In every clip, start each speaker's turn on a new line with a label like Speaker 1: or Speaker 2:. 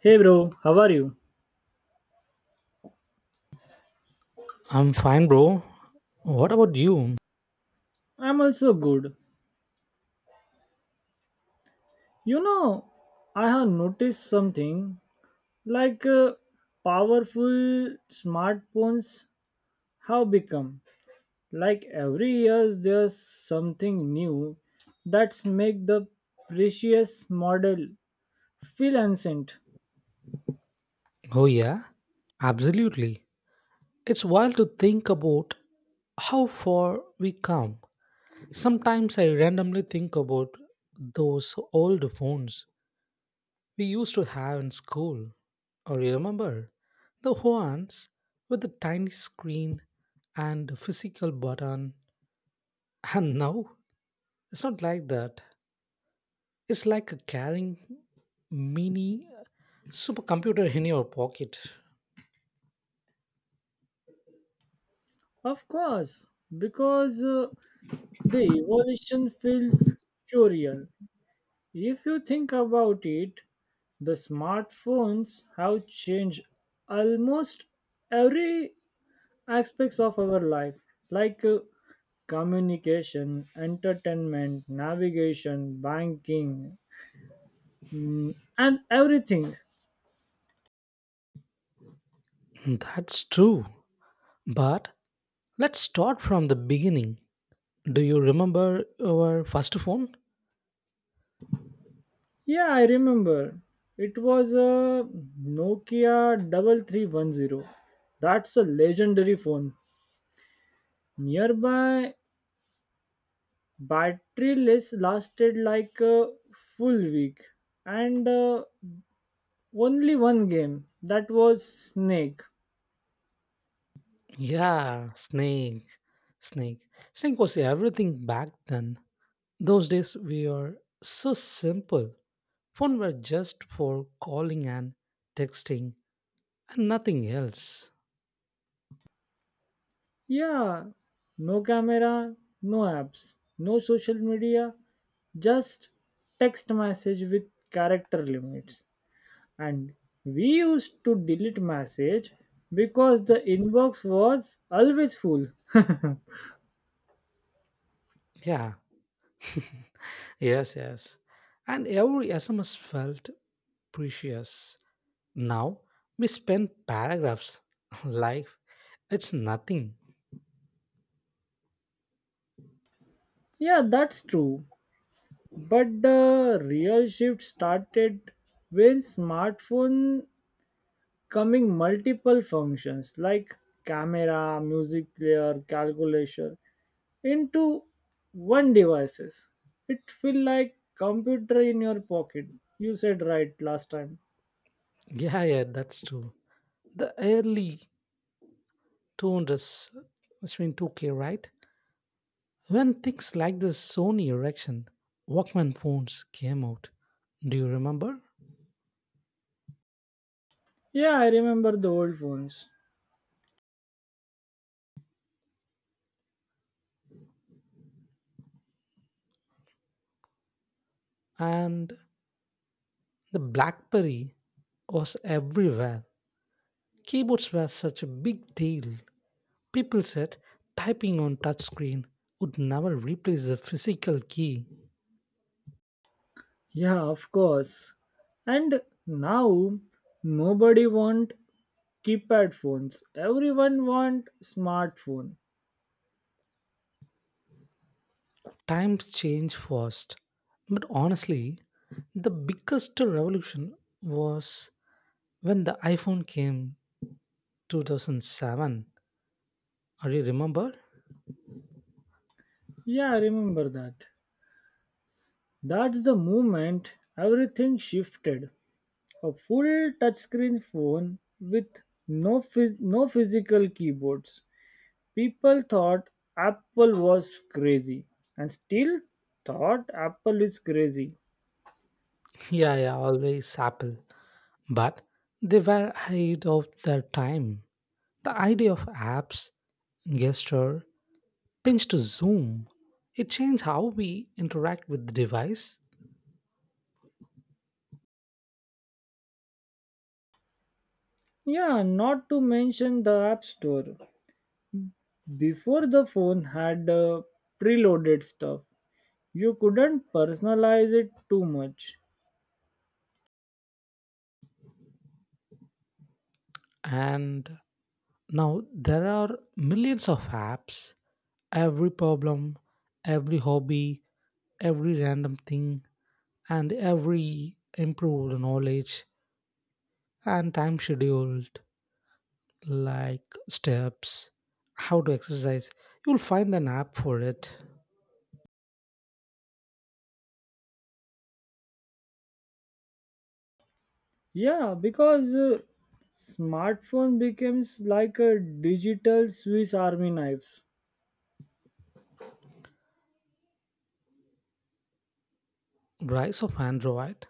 Speaker 1: Hey bro, how are you?
Speaker 2: I'm fine, bro. What about you?
Speaker 1: I'm also good. You know, I have noticed something like uh, powerful smartphones have become, like every year there's something new that's make the precious model feel ancient.
Speaker 2: Oh, yeah, absolutely. It's wild to think about how far we come. Sometimes I randomly think about those old phones we used to have in school. Or you remember the ones with the tiny screen and a physical button? And now it's not like that. It's like a carrying mini supercomputer in your pocket.
Speaker 1: Of course, because the evolution feels so real. If you think about it, the smartphones have changed almost every aspects of our life, like uh, communication, entertainment, navigation, banking, and everything.
Speaker 2: That's true. But let's start from the beginning. Do you remember your first phone?
Speaker 1: Yeah, I remember. It was a Nokia 3310. That's a legendary phone. Nearby battery less lasted like a full week and only one game, that was snake.
Speaker 2: Yeah, Snake. Snake. Snake was everything back then. Those days we were so simple. Phone were just for calling and texting and nothing else.
Speaker 1: Yeah, no camera, no apps, no social media, just text message with character limits, and we used to delete message because the inbox was always full.
Speaker 2: Yeah. Yes, yes. And every SMS felt precious. Now we spend paragraphs. Life, it's nothing.
Speaker 1: Yeah, that's true, but the real shift started when smartphone coming multiple functions like camera, music player, calculator into one devices. It feel like computer in your pocket. You said right last time.
Speaker 2: Yeah, yeah, that's true. The early 200s, which mean 2K, right? When things like the Sony Ericsson Walkman phones came out, do you remember?
Speaker 1: Yeah, I remember the old phones.
Speaker 2: And the BlackBerry was everywhere. Keyboards were such a big deal. People said typing on touchscreen would never replace the physical key.
Speaker 1: Yeah, of course. And now nobody want keypad phones. Everyone want smartphone.
Speaker 2: Times change fast. But honestly, the biggest revolution was when the iphone came 2007, or you remember?
Speaker 1: Yeah, I remember that. That's the moment everything shifted. A full touchscreen phone with no physical keyboards. People thought Apple was crazy, and still thought Apple is crazy.
Speaker 2: Yeah, yeah, always Apple. But they were ahead of their time. The idea of apps, gesture, pinch to zoom, it changed how we interact with the device.
Speaker 1: Yeah, not to mention the App Store. Before the phone had preloaded stuff, you couldn't personalize it too much.
Speaker 2: And now there are millions of apps, every problem, every hobby, every random thing, and every improved knowledge and time scheduled, like steps, how to exercise. You'll find an app for it.
Speaker 1: Yeah, because smartphone becomes like a digital Swiss Army knives.
Speaker 2: Rise of Android.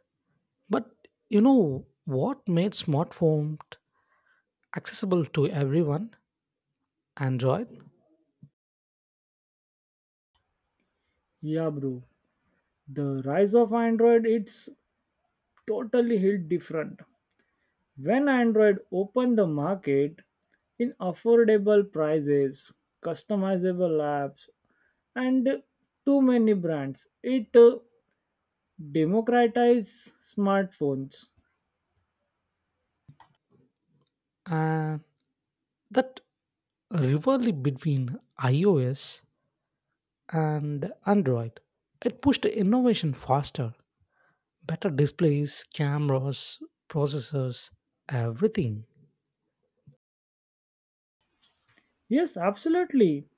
Speaker 2: But you know what made smartphone accessible to everyone? Android.
Speaker 1: Yeah, bro. The rise of Android, it's totally hit different. When Android opened the market in affordable prices, customizable apps, and too many brands, it democratized smartphones.
Speaker 2: Uh, that rivalry between iOS and Android. It pushed innovation faster, better displays, cameras, processors, everything.
Speaker 1: Yes, absolutely.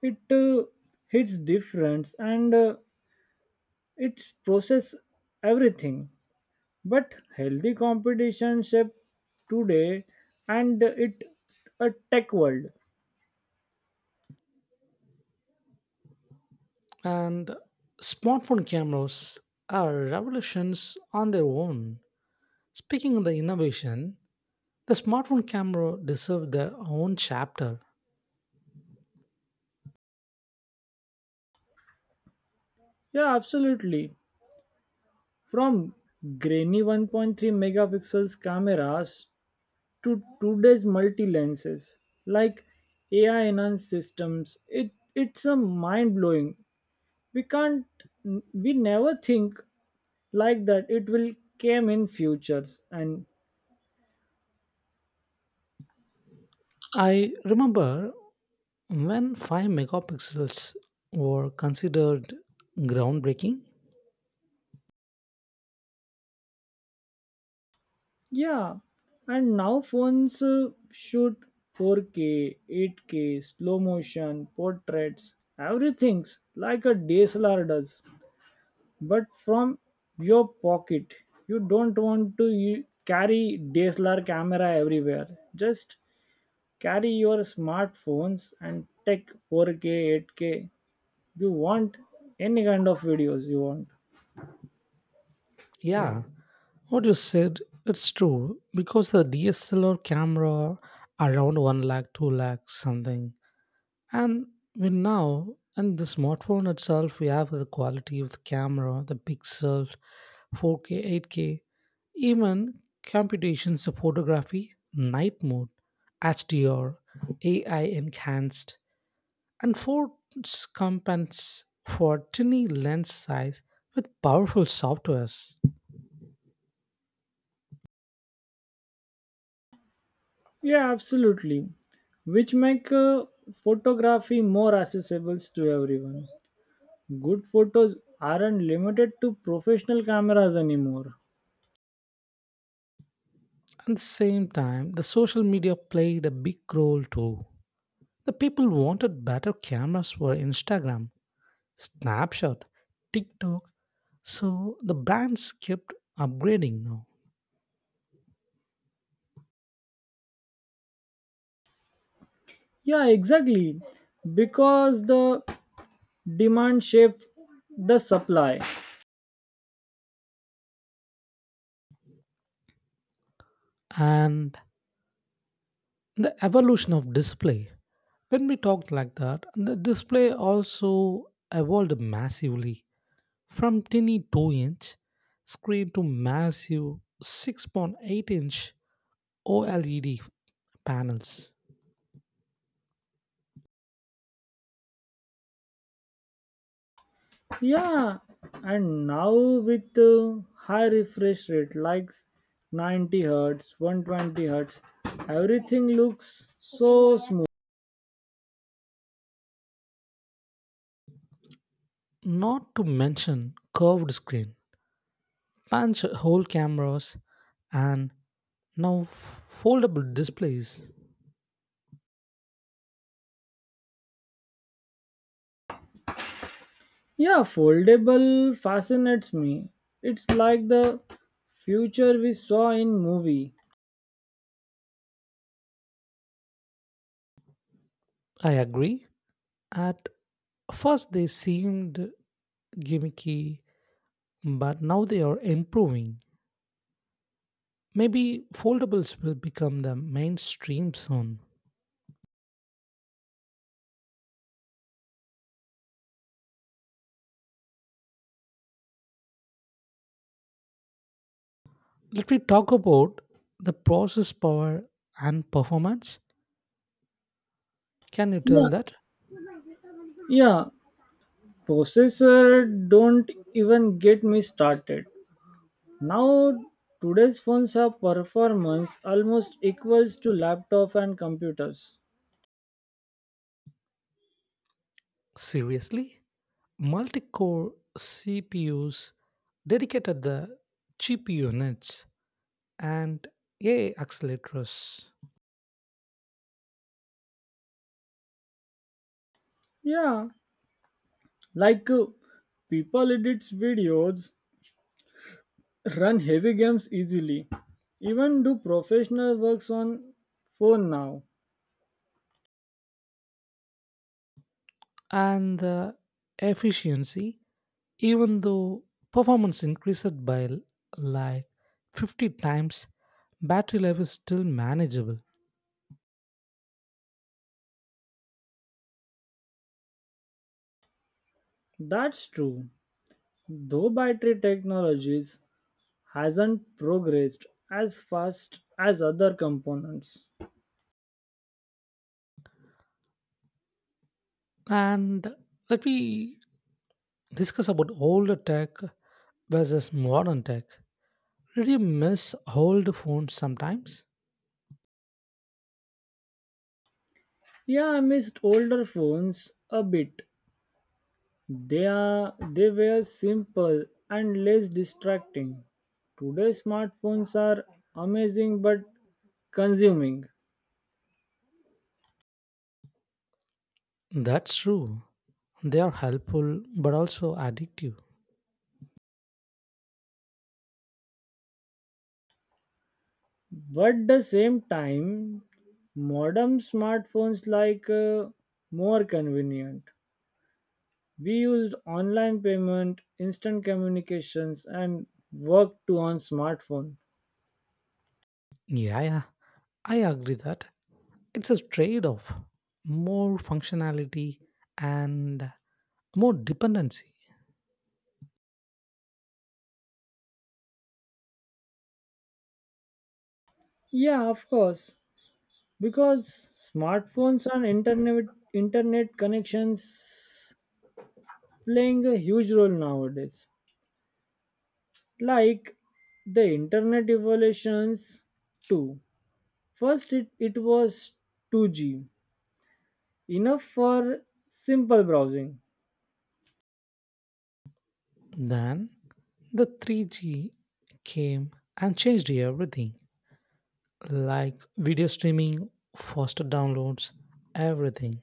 Speaker 1: It hits difference, and it process everything, but healthy competition shape today, and it a tech world.
Speaker 2: And smartphone cameras are revolutions on their own. Speaking of the innovation, the smartphone camera deserved their own chapter.
Speaker 1: Yeah, absolutely. From grainy 1.3 megapixels cameras to today's multi lenses, like AI enhanced systems, it's a mind blowing. We can't we never think like that. It will came in futures. And
Speaker 2: I remember when 5 megapixels were considered groundbreaking.
Speaker 1: yeah, and now phones shoot 4K, 8K, slow motion, portraits, everything's like a DSLR does. But from your pocket, you don't want to carry DSLR camera everywhere. Just carry your smartphones and take 4K, 8K. You want any kind of videos you want.
Speaker 2: Yeah, what you said it's true because the DSLR camera around 1 lakh 2 lakh something. And we now, and the smartphone itself, we have the quality of the camera, the pixels, 4K, 8K, even computations of photography, night mode, HDR, AI enhanced, and phones compensates for tiny lens size with powerful softwares.
Speaker 1: Yeah, absolutely. Which make photography more accessible to everyone. Good photos aren't limited to professional cameras anymore.
Speaker 2: At the same time, the social media played a big role too. The people wanted better cameras for Instagram, Snapshot, TikTok. So the brands kept upgrading now.
Speaker 1: Yeah, exactly. Because the demand shape the supply.
Speaker 2: And the evolution of display. When we talked like that, the display also evolved massively from tiny 2-inch screen to massive 6.8-inch OLED panels.
Speaker 1: Yeah, and now with high refresh rate like 90 hertz, 120 hertz, everything looks so smooth.
Speaker 2: Not to mention curved screen, punch hole cameras, and now foldable displays.
Speaker 1: Yeah, foldable fascinates me. It's like the future we saw in movie.
Speaker 2: I agree. At first, they seemed gimmicky, but now they are improving. Maybe foldables will become the mainstream soon. Let me talk about the process power and performance. Can you
Speaker 1: yeah
Speaker 2: tell that?
Speaker 1: yeah Processor, don't even get me started. Now, today's phones are performance almost equals to laptop and computers.
Speaker 2: Seriously? Multi core CPUs, dedicated the GPU units, and AI accelerators.
Speaker 1: Yeah, like uh, people edits videos, run heavy games easily, even do professional works on phone now.
Speaker 2: And the efficiency, even though performance increased by like 50 times, battery life is still manageable.
Speaker 1: That's true. Though battery technologies hasn't progressed as fast as other components.
Speaker 2: And let me discuss about older tech versus modern tech. Did you miss old phones sometimes?
Speaker 1: Yeah, I missed older phones a bit. They were simple and less distracting. Today smartphones are amazing but consuming.
Speaker 2: That's true, they are helpful but also addictive.
Speaker 1: But the same time, modern smartphones more convenient. We used online payment, instant communications, and work to on smartphone.
Speaker 2: Yeah, yeah, I agree that. It's a trade-off, more functionality and more dependency.
Speaker 1: Yeah, of course. Because smartphones and internet internet connections playing a huge role nowadays. Like the internet evolutions too. First, it was 2G, enough for simple browsing.
Speaker 2: Then the 3G came and changed everything, like video streaming, faster downloads, everything.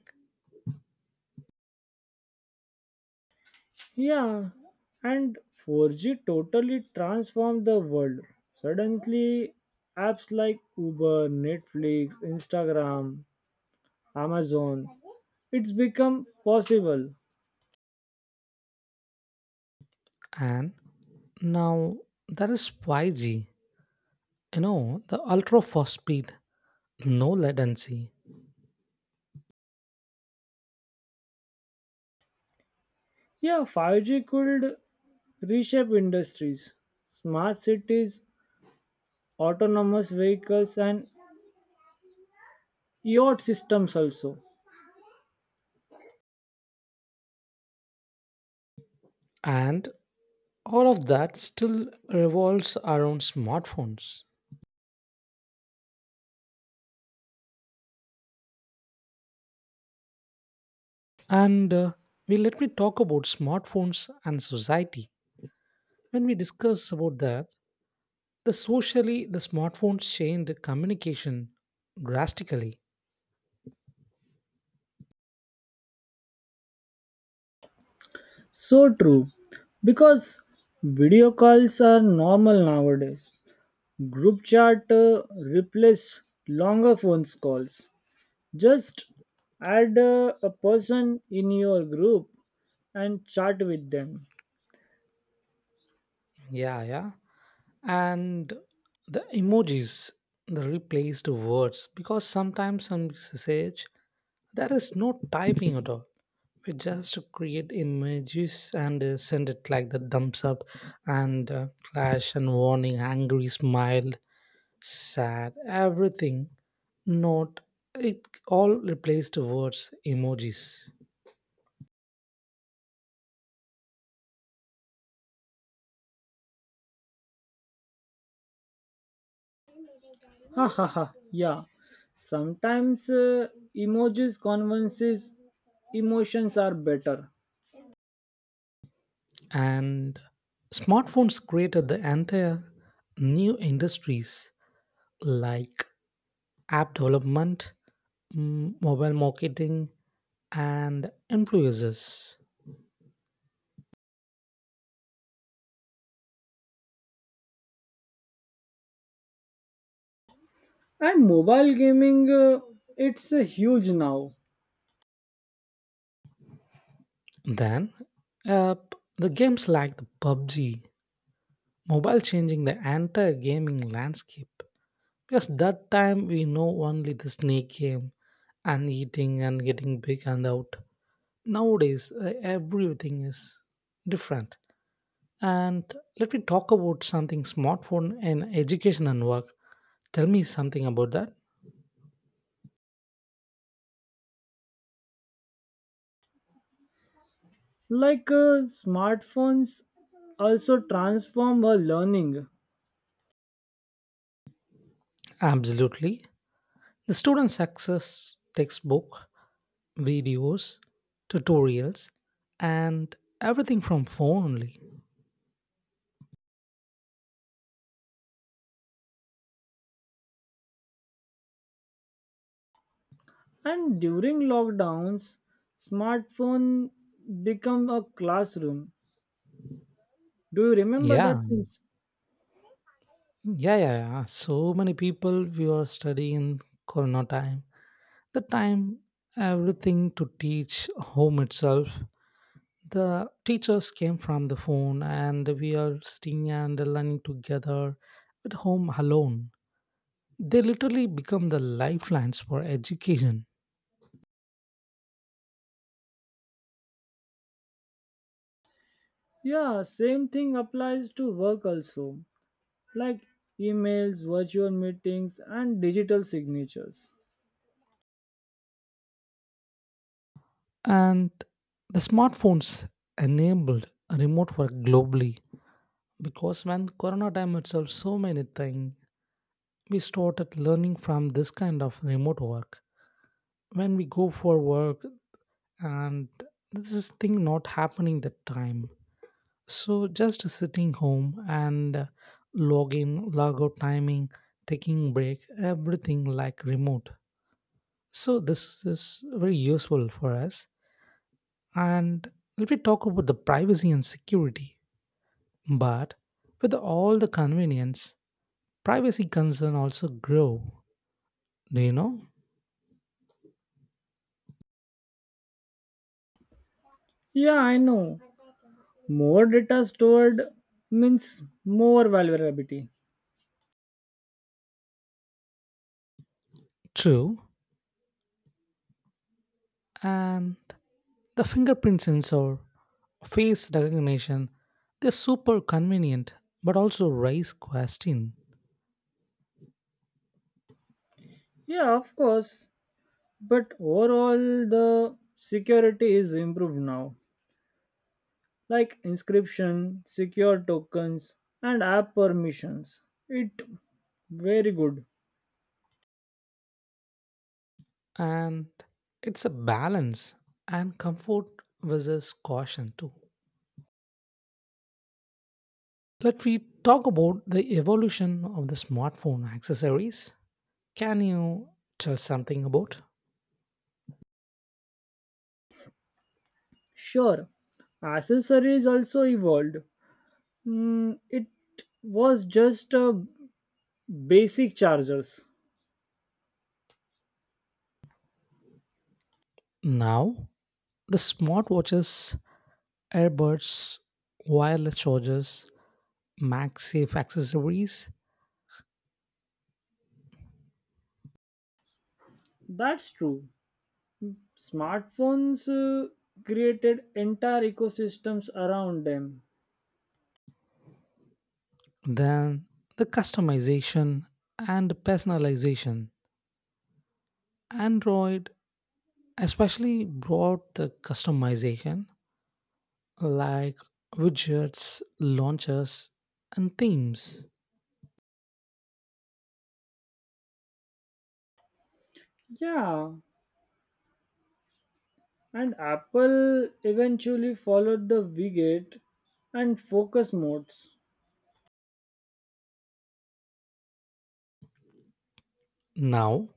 Speaker 1: Yeah, and 4G totally transformed the world. Suddenly, apps like Uber, Netflix, Instagram, Amazon, it's become possible.
Speaker 2: And now that is 5G, you know, the ultra fast speed, no latency.
Speaker 1: Yeah, 5G could reshape industries, smart cities, autonomous vehicles, and yacht systems also.
Speaker 2: And all of that still revolves around smartphones. And we let me talk about smartphones and society. When we discuss about that, the socially the smartphones changed communication drastically.
Speaker 1: So true, because video calls are normal nowadays, group chat replace longer phone calls. Just add a person in your group and chat with them.
Speaker 2: Yeah, yeah. And the emojis, the replaced words, because sometimes some message there is no typing at all. We just create images and send it like the thumbs up and clash and warning, angry smile, sad, everything. Note it all replaced words, emojis.
Speaker 1: Ha ha ha, yeah. Sometimes emojis convinces emotions are better.
Speaker 2: And smartphones created the entire new industries like app development, mobile marketing, and influencers.
Speaker 1: And mobile gaming it's huge now.
Speaker 2: Then, the games like the PUBG mobile changing the entire gaming landscape. Because that time we know only the snake game and eating and getting big and out. Nowadays, everything is different. And let me talk about something smartphone and education and work. Tell me something about that.
Speaker 1: Smartphones also transform our learning,
Speaker 2: Absolutely. The students access textbook, videos, tutorials, and everything from phone only.
Speaker 1: and during lockdowns, smartphone become a classroom. Do you remember that?
Speaker 2: Yeah,
Speaker 1: Since
Speaker 2: yeah, yeah, yeah. So many people we are studying in Corona time. The time everything to teach home itself. The teachers came from the phone, and we are sitting and learning together at home alone. They literally become the lifelines for education.
Speaker 1: yeah, same thing applies to work also, like emails, virtual meetings, and digital signatures.
Speaker 2: And the smartphones enabled remote work globally, because when corona time itself so many things we started learning from this kind of remote work when we go for work, and this is thing not happening that time, so just sitting home and log in log out timing, taking break everything like remote. So this is very useful for us. And let me talk about the privacy and security. But with all the convenience, privacy concern also grow. Do you know?
Speaker 1: Yeah, I know. More data stored means more vulnerability.
Speaker 2: True. And the fingerprint sensor, face recognition, they're super convenient, but also raise question.
Speaker 1: Yeah, of course. But overall the security is improved now, like inscription secure tokens and app permissions, it very good.
Speaker 2: And it's a balance and comfort versus caution too. Let we talk about the evolution of the smartphone accessories. Can you tell something about
Speaker 1: Sure, accessories also evolved. Mm, it was just basic chargers.
Speaker 2: now the smartwatches, earbuds, wireless chargers, MagSafe accessories,
Speaker 1: That's true, smartphones created entire ecosystems around them.
Speaker 2: then the customization and personalization. Android especially brought the customization like widgets, launchers, and themes.
Speaker 1: Yeah. And Apple eventually followed the Widget and focus modes.
Speaker 2: Now,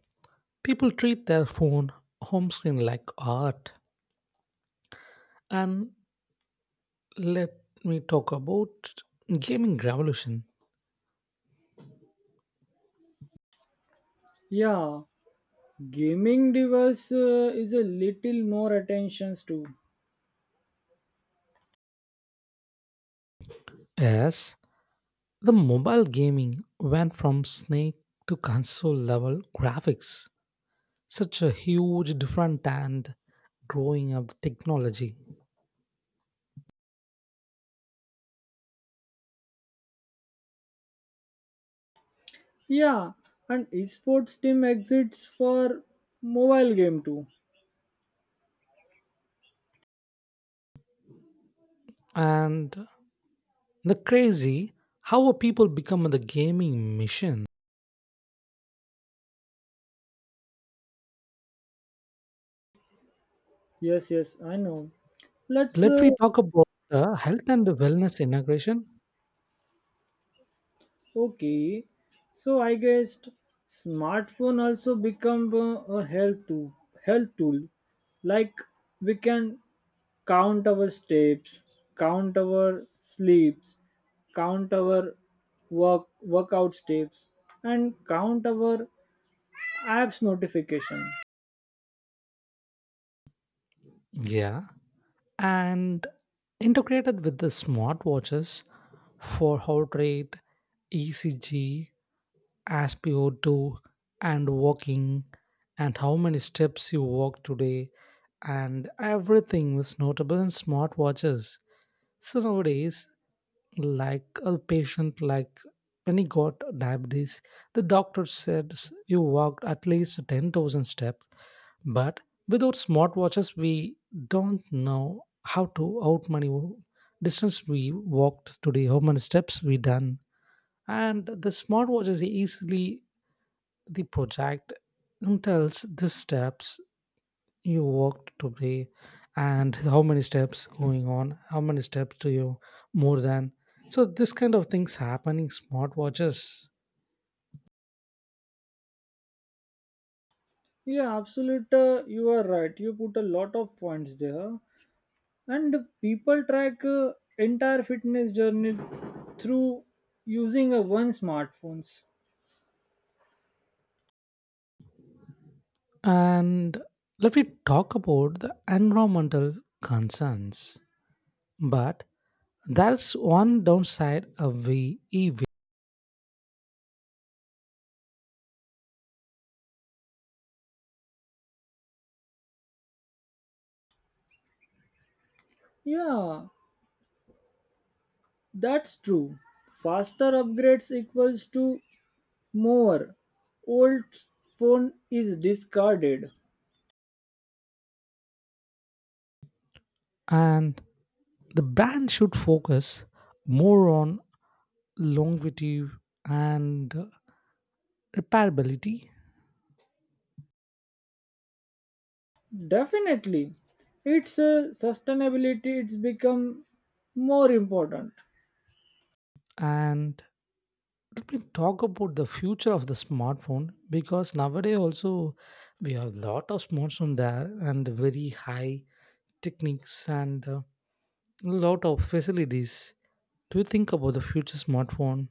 Speaker 2: people treat their phone home screen like art. And let me talk about gaming revolution.
Speaker 1: Yeah, gaming device is a little more attentions to.
Speaker 2: Yes, the mobile gaming went from snake to console level graphics. Such a huge difference and growing of technology.
Speaker 1: Yeah, and esports team exits for mobile game too.
Speaker 2: And the crazy how people become the gaming machine.
Speaker 1: Yes, yes, I know. Let's
Speaker 2: Let me talk about health and wellness integration.
Speaker 1: Okay, so I guess smartphone also become health tool. Like we can count our steps, count our sleeps, count our workout steps, and count our apps notification.
Speaker 2: Yeah, and integrated with the smartwatches for heart rate, ECG, SpO2, and walking, and how many steps you walk today, and everything was notable in smartwatches. So nowadays, like a patient, like when he got diabetes, the doctor said you walked at least 10,000 steps. But without smartwatches, we don't know how to out many distance we walked today, how many steps we done, and the smartwatches easily the project and tells the steps you walked today and how many steps going on, how many steps to you more than. So this kind of things happening smartwatches.
Speaker 1: Yeah, absolute. You are right. You put a lot of points there. And people track entire fitness journey through using a one smartphones.
Speaker 2: And let me talk about the environmental concerns. But that's one downside of the EV,
Speaker 1: Yeah, that's true. Faster upgrades equals to more old phone is discarded.
Speaker 2: and the brand should focus more on longevity and repairability.
Speaker 1: Definitely. It's a sustainability, it's become more important.
Speaker 2: And let me talk about the future of the smartphone because nowadays also we have a lot of smartphones there and very high techniques and a lot of facilities. Do you think about the future smartphone,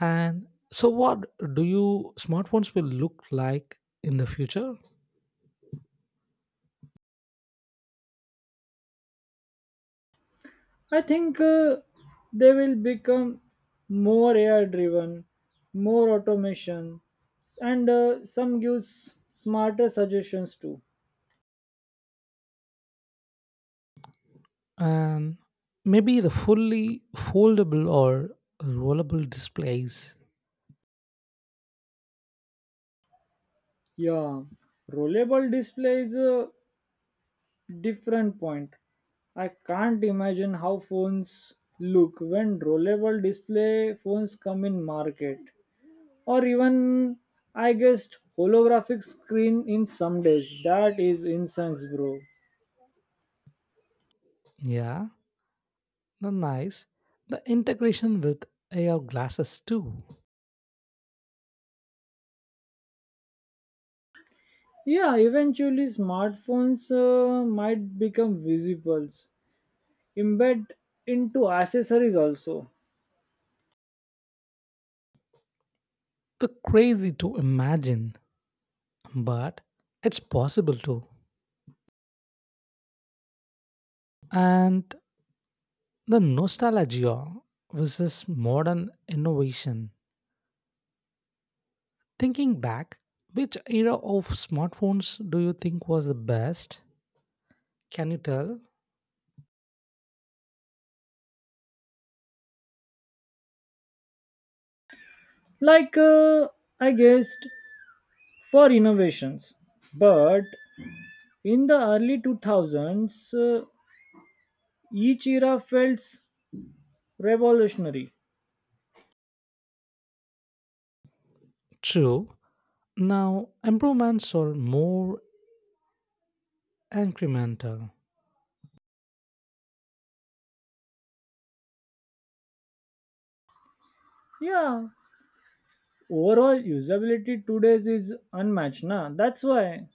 Speaker 2: and so what do you smartphones will look like in the future?
Speaker 1: I think they will become more AI driven, more automation, and some gives smarter suggestions too.
Speaker 2: And maybe the fully foldable or rollable displays.
Speaker 1: Yeah, rollable display is a different point. I can't imagine how phones look when rollable display phones come in market, or even I guessed holographic screen in some days. That is incense, bro.
Speaker 2: Yeah, the nice. The integration with AR glasses too.
Speaker 1: Yeah, eventually smartphones might become visibles, embed into accessories also.
Speaker 2: The crazy to imagine, but it's possible too. And the nostalgia versus modern innovation. Thinking back, which era of smartphones do you think was the best? Can you tell?
Speaker 1: Like uh, I guessed for innovations. But in the early 2000s, each era felt revolutionary.
Speaker 2: True. Now, improvements are more incremental.
Speaker 1: Yeah, overall usability today is unmatched, na? That's why.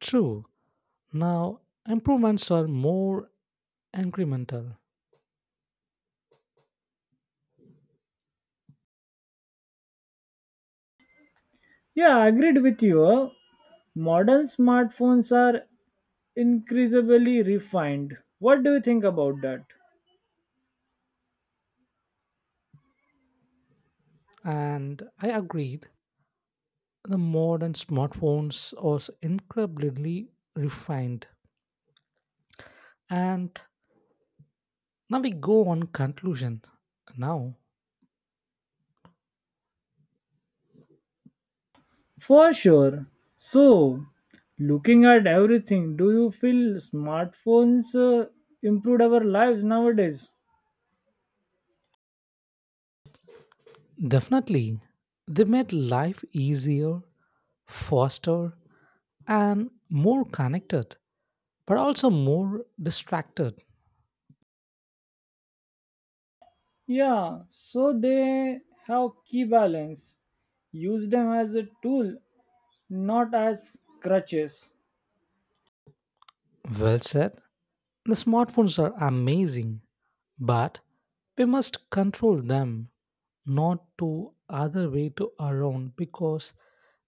Speaker 2: True. Now, improvements are more incremental.
Speaker 1: Yeah, I agreed with you. Modern smartphones are increasingly refined. What do you think about that?
Speaker 2: And I agreed, the modern smartphones are incredibly refined. And now we go on conclusion. Now,
Speaker 1: For sure. So, looking at everything, do you feel smartphones improved our lives nowadays?
Speaker 2: definitely, they made life easier, faster, and more connected, but also more distracted.
Speaker 1: Yeah, so they have key balance. Use them as a tool, not as crutches.
Speaker 2: Well said. The smartphones are amazing, but we must control them, not to other way to around, because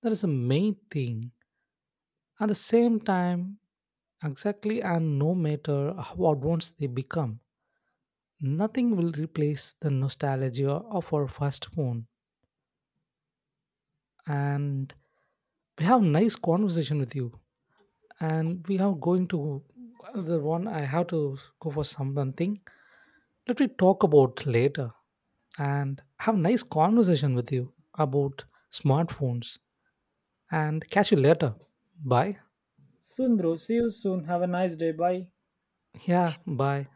Speaker 2: that is the main thing. At the same time, exactly, and no matter how advanced they become, nothing will replace the nostalgia of our first phone. And we have nice conversation with you, and we are going to the one. I have to go for something. Let me talk about later and have a nice conversation with you about smartphones, and catch you later. Bye.
Speaker 1: Soon, bro. See you soon. Have a nice day. Bye.
Speaker 2: Yeah, bye.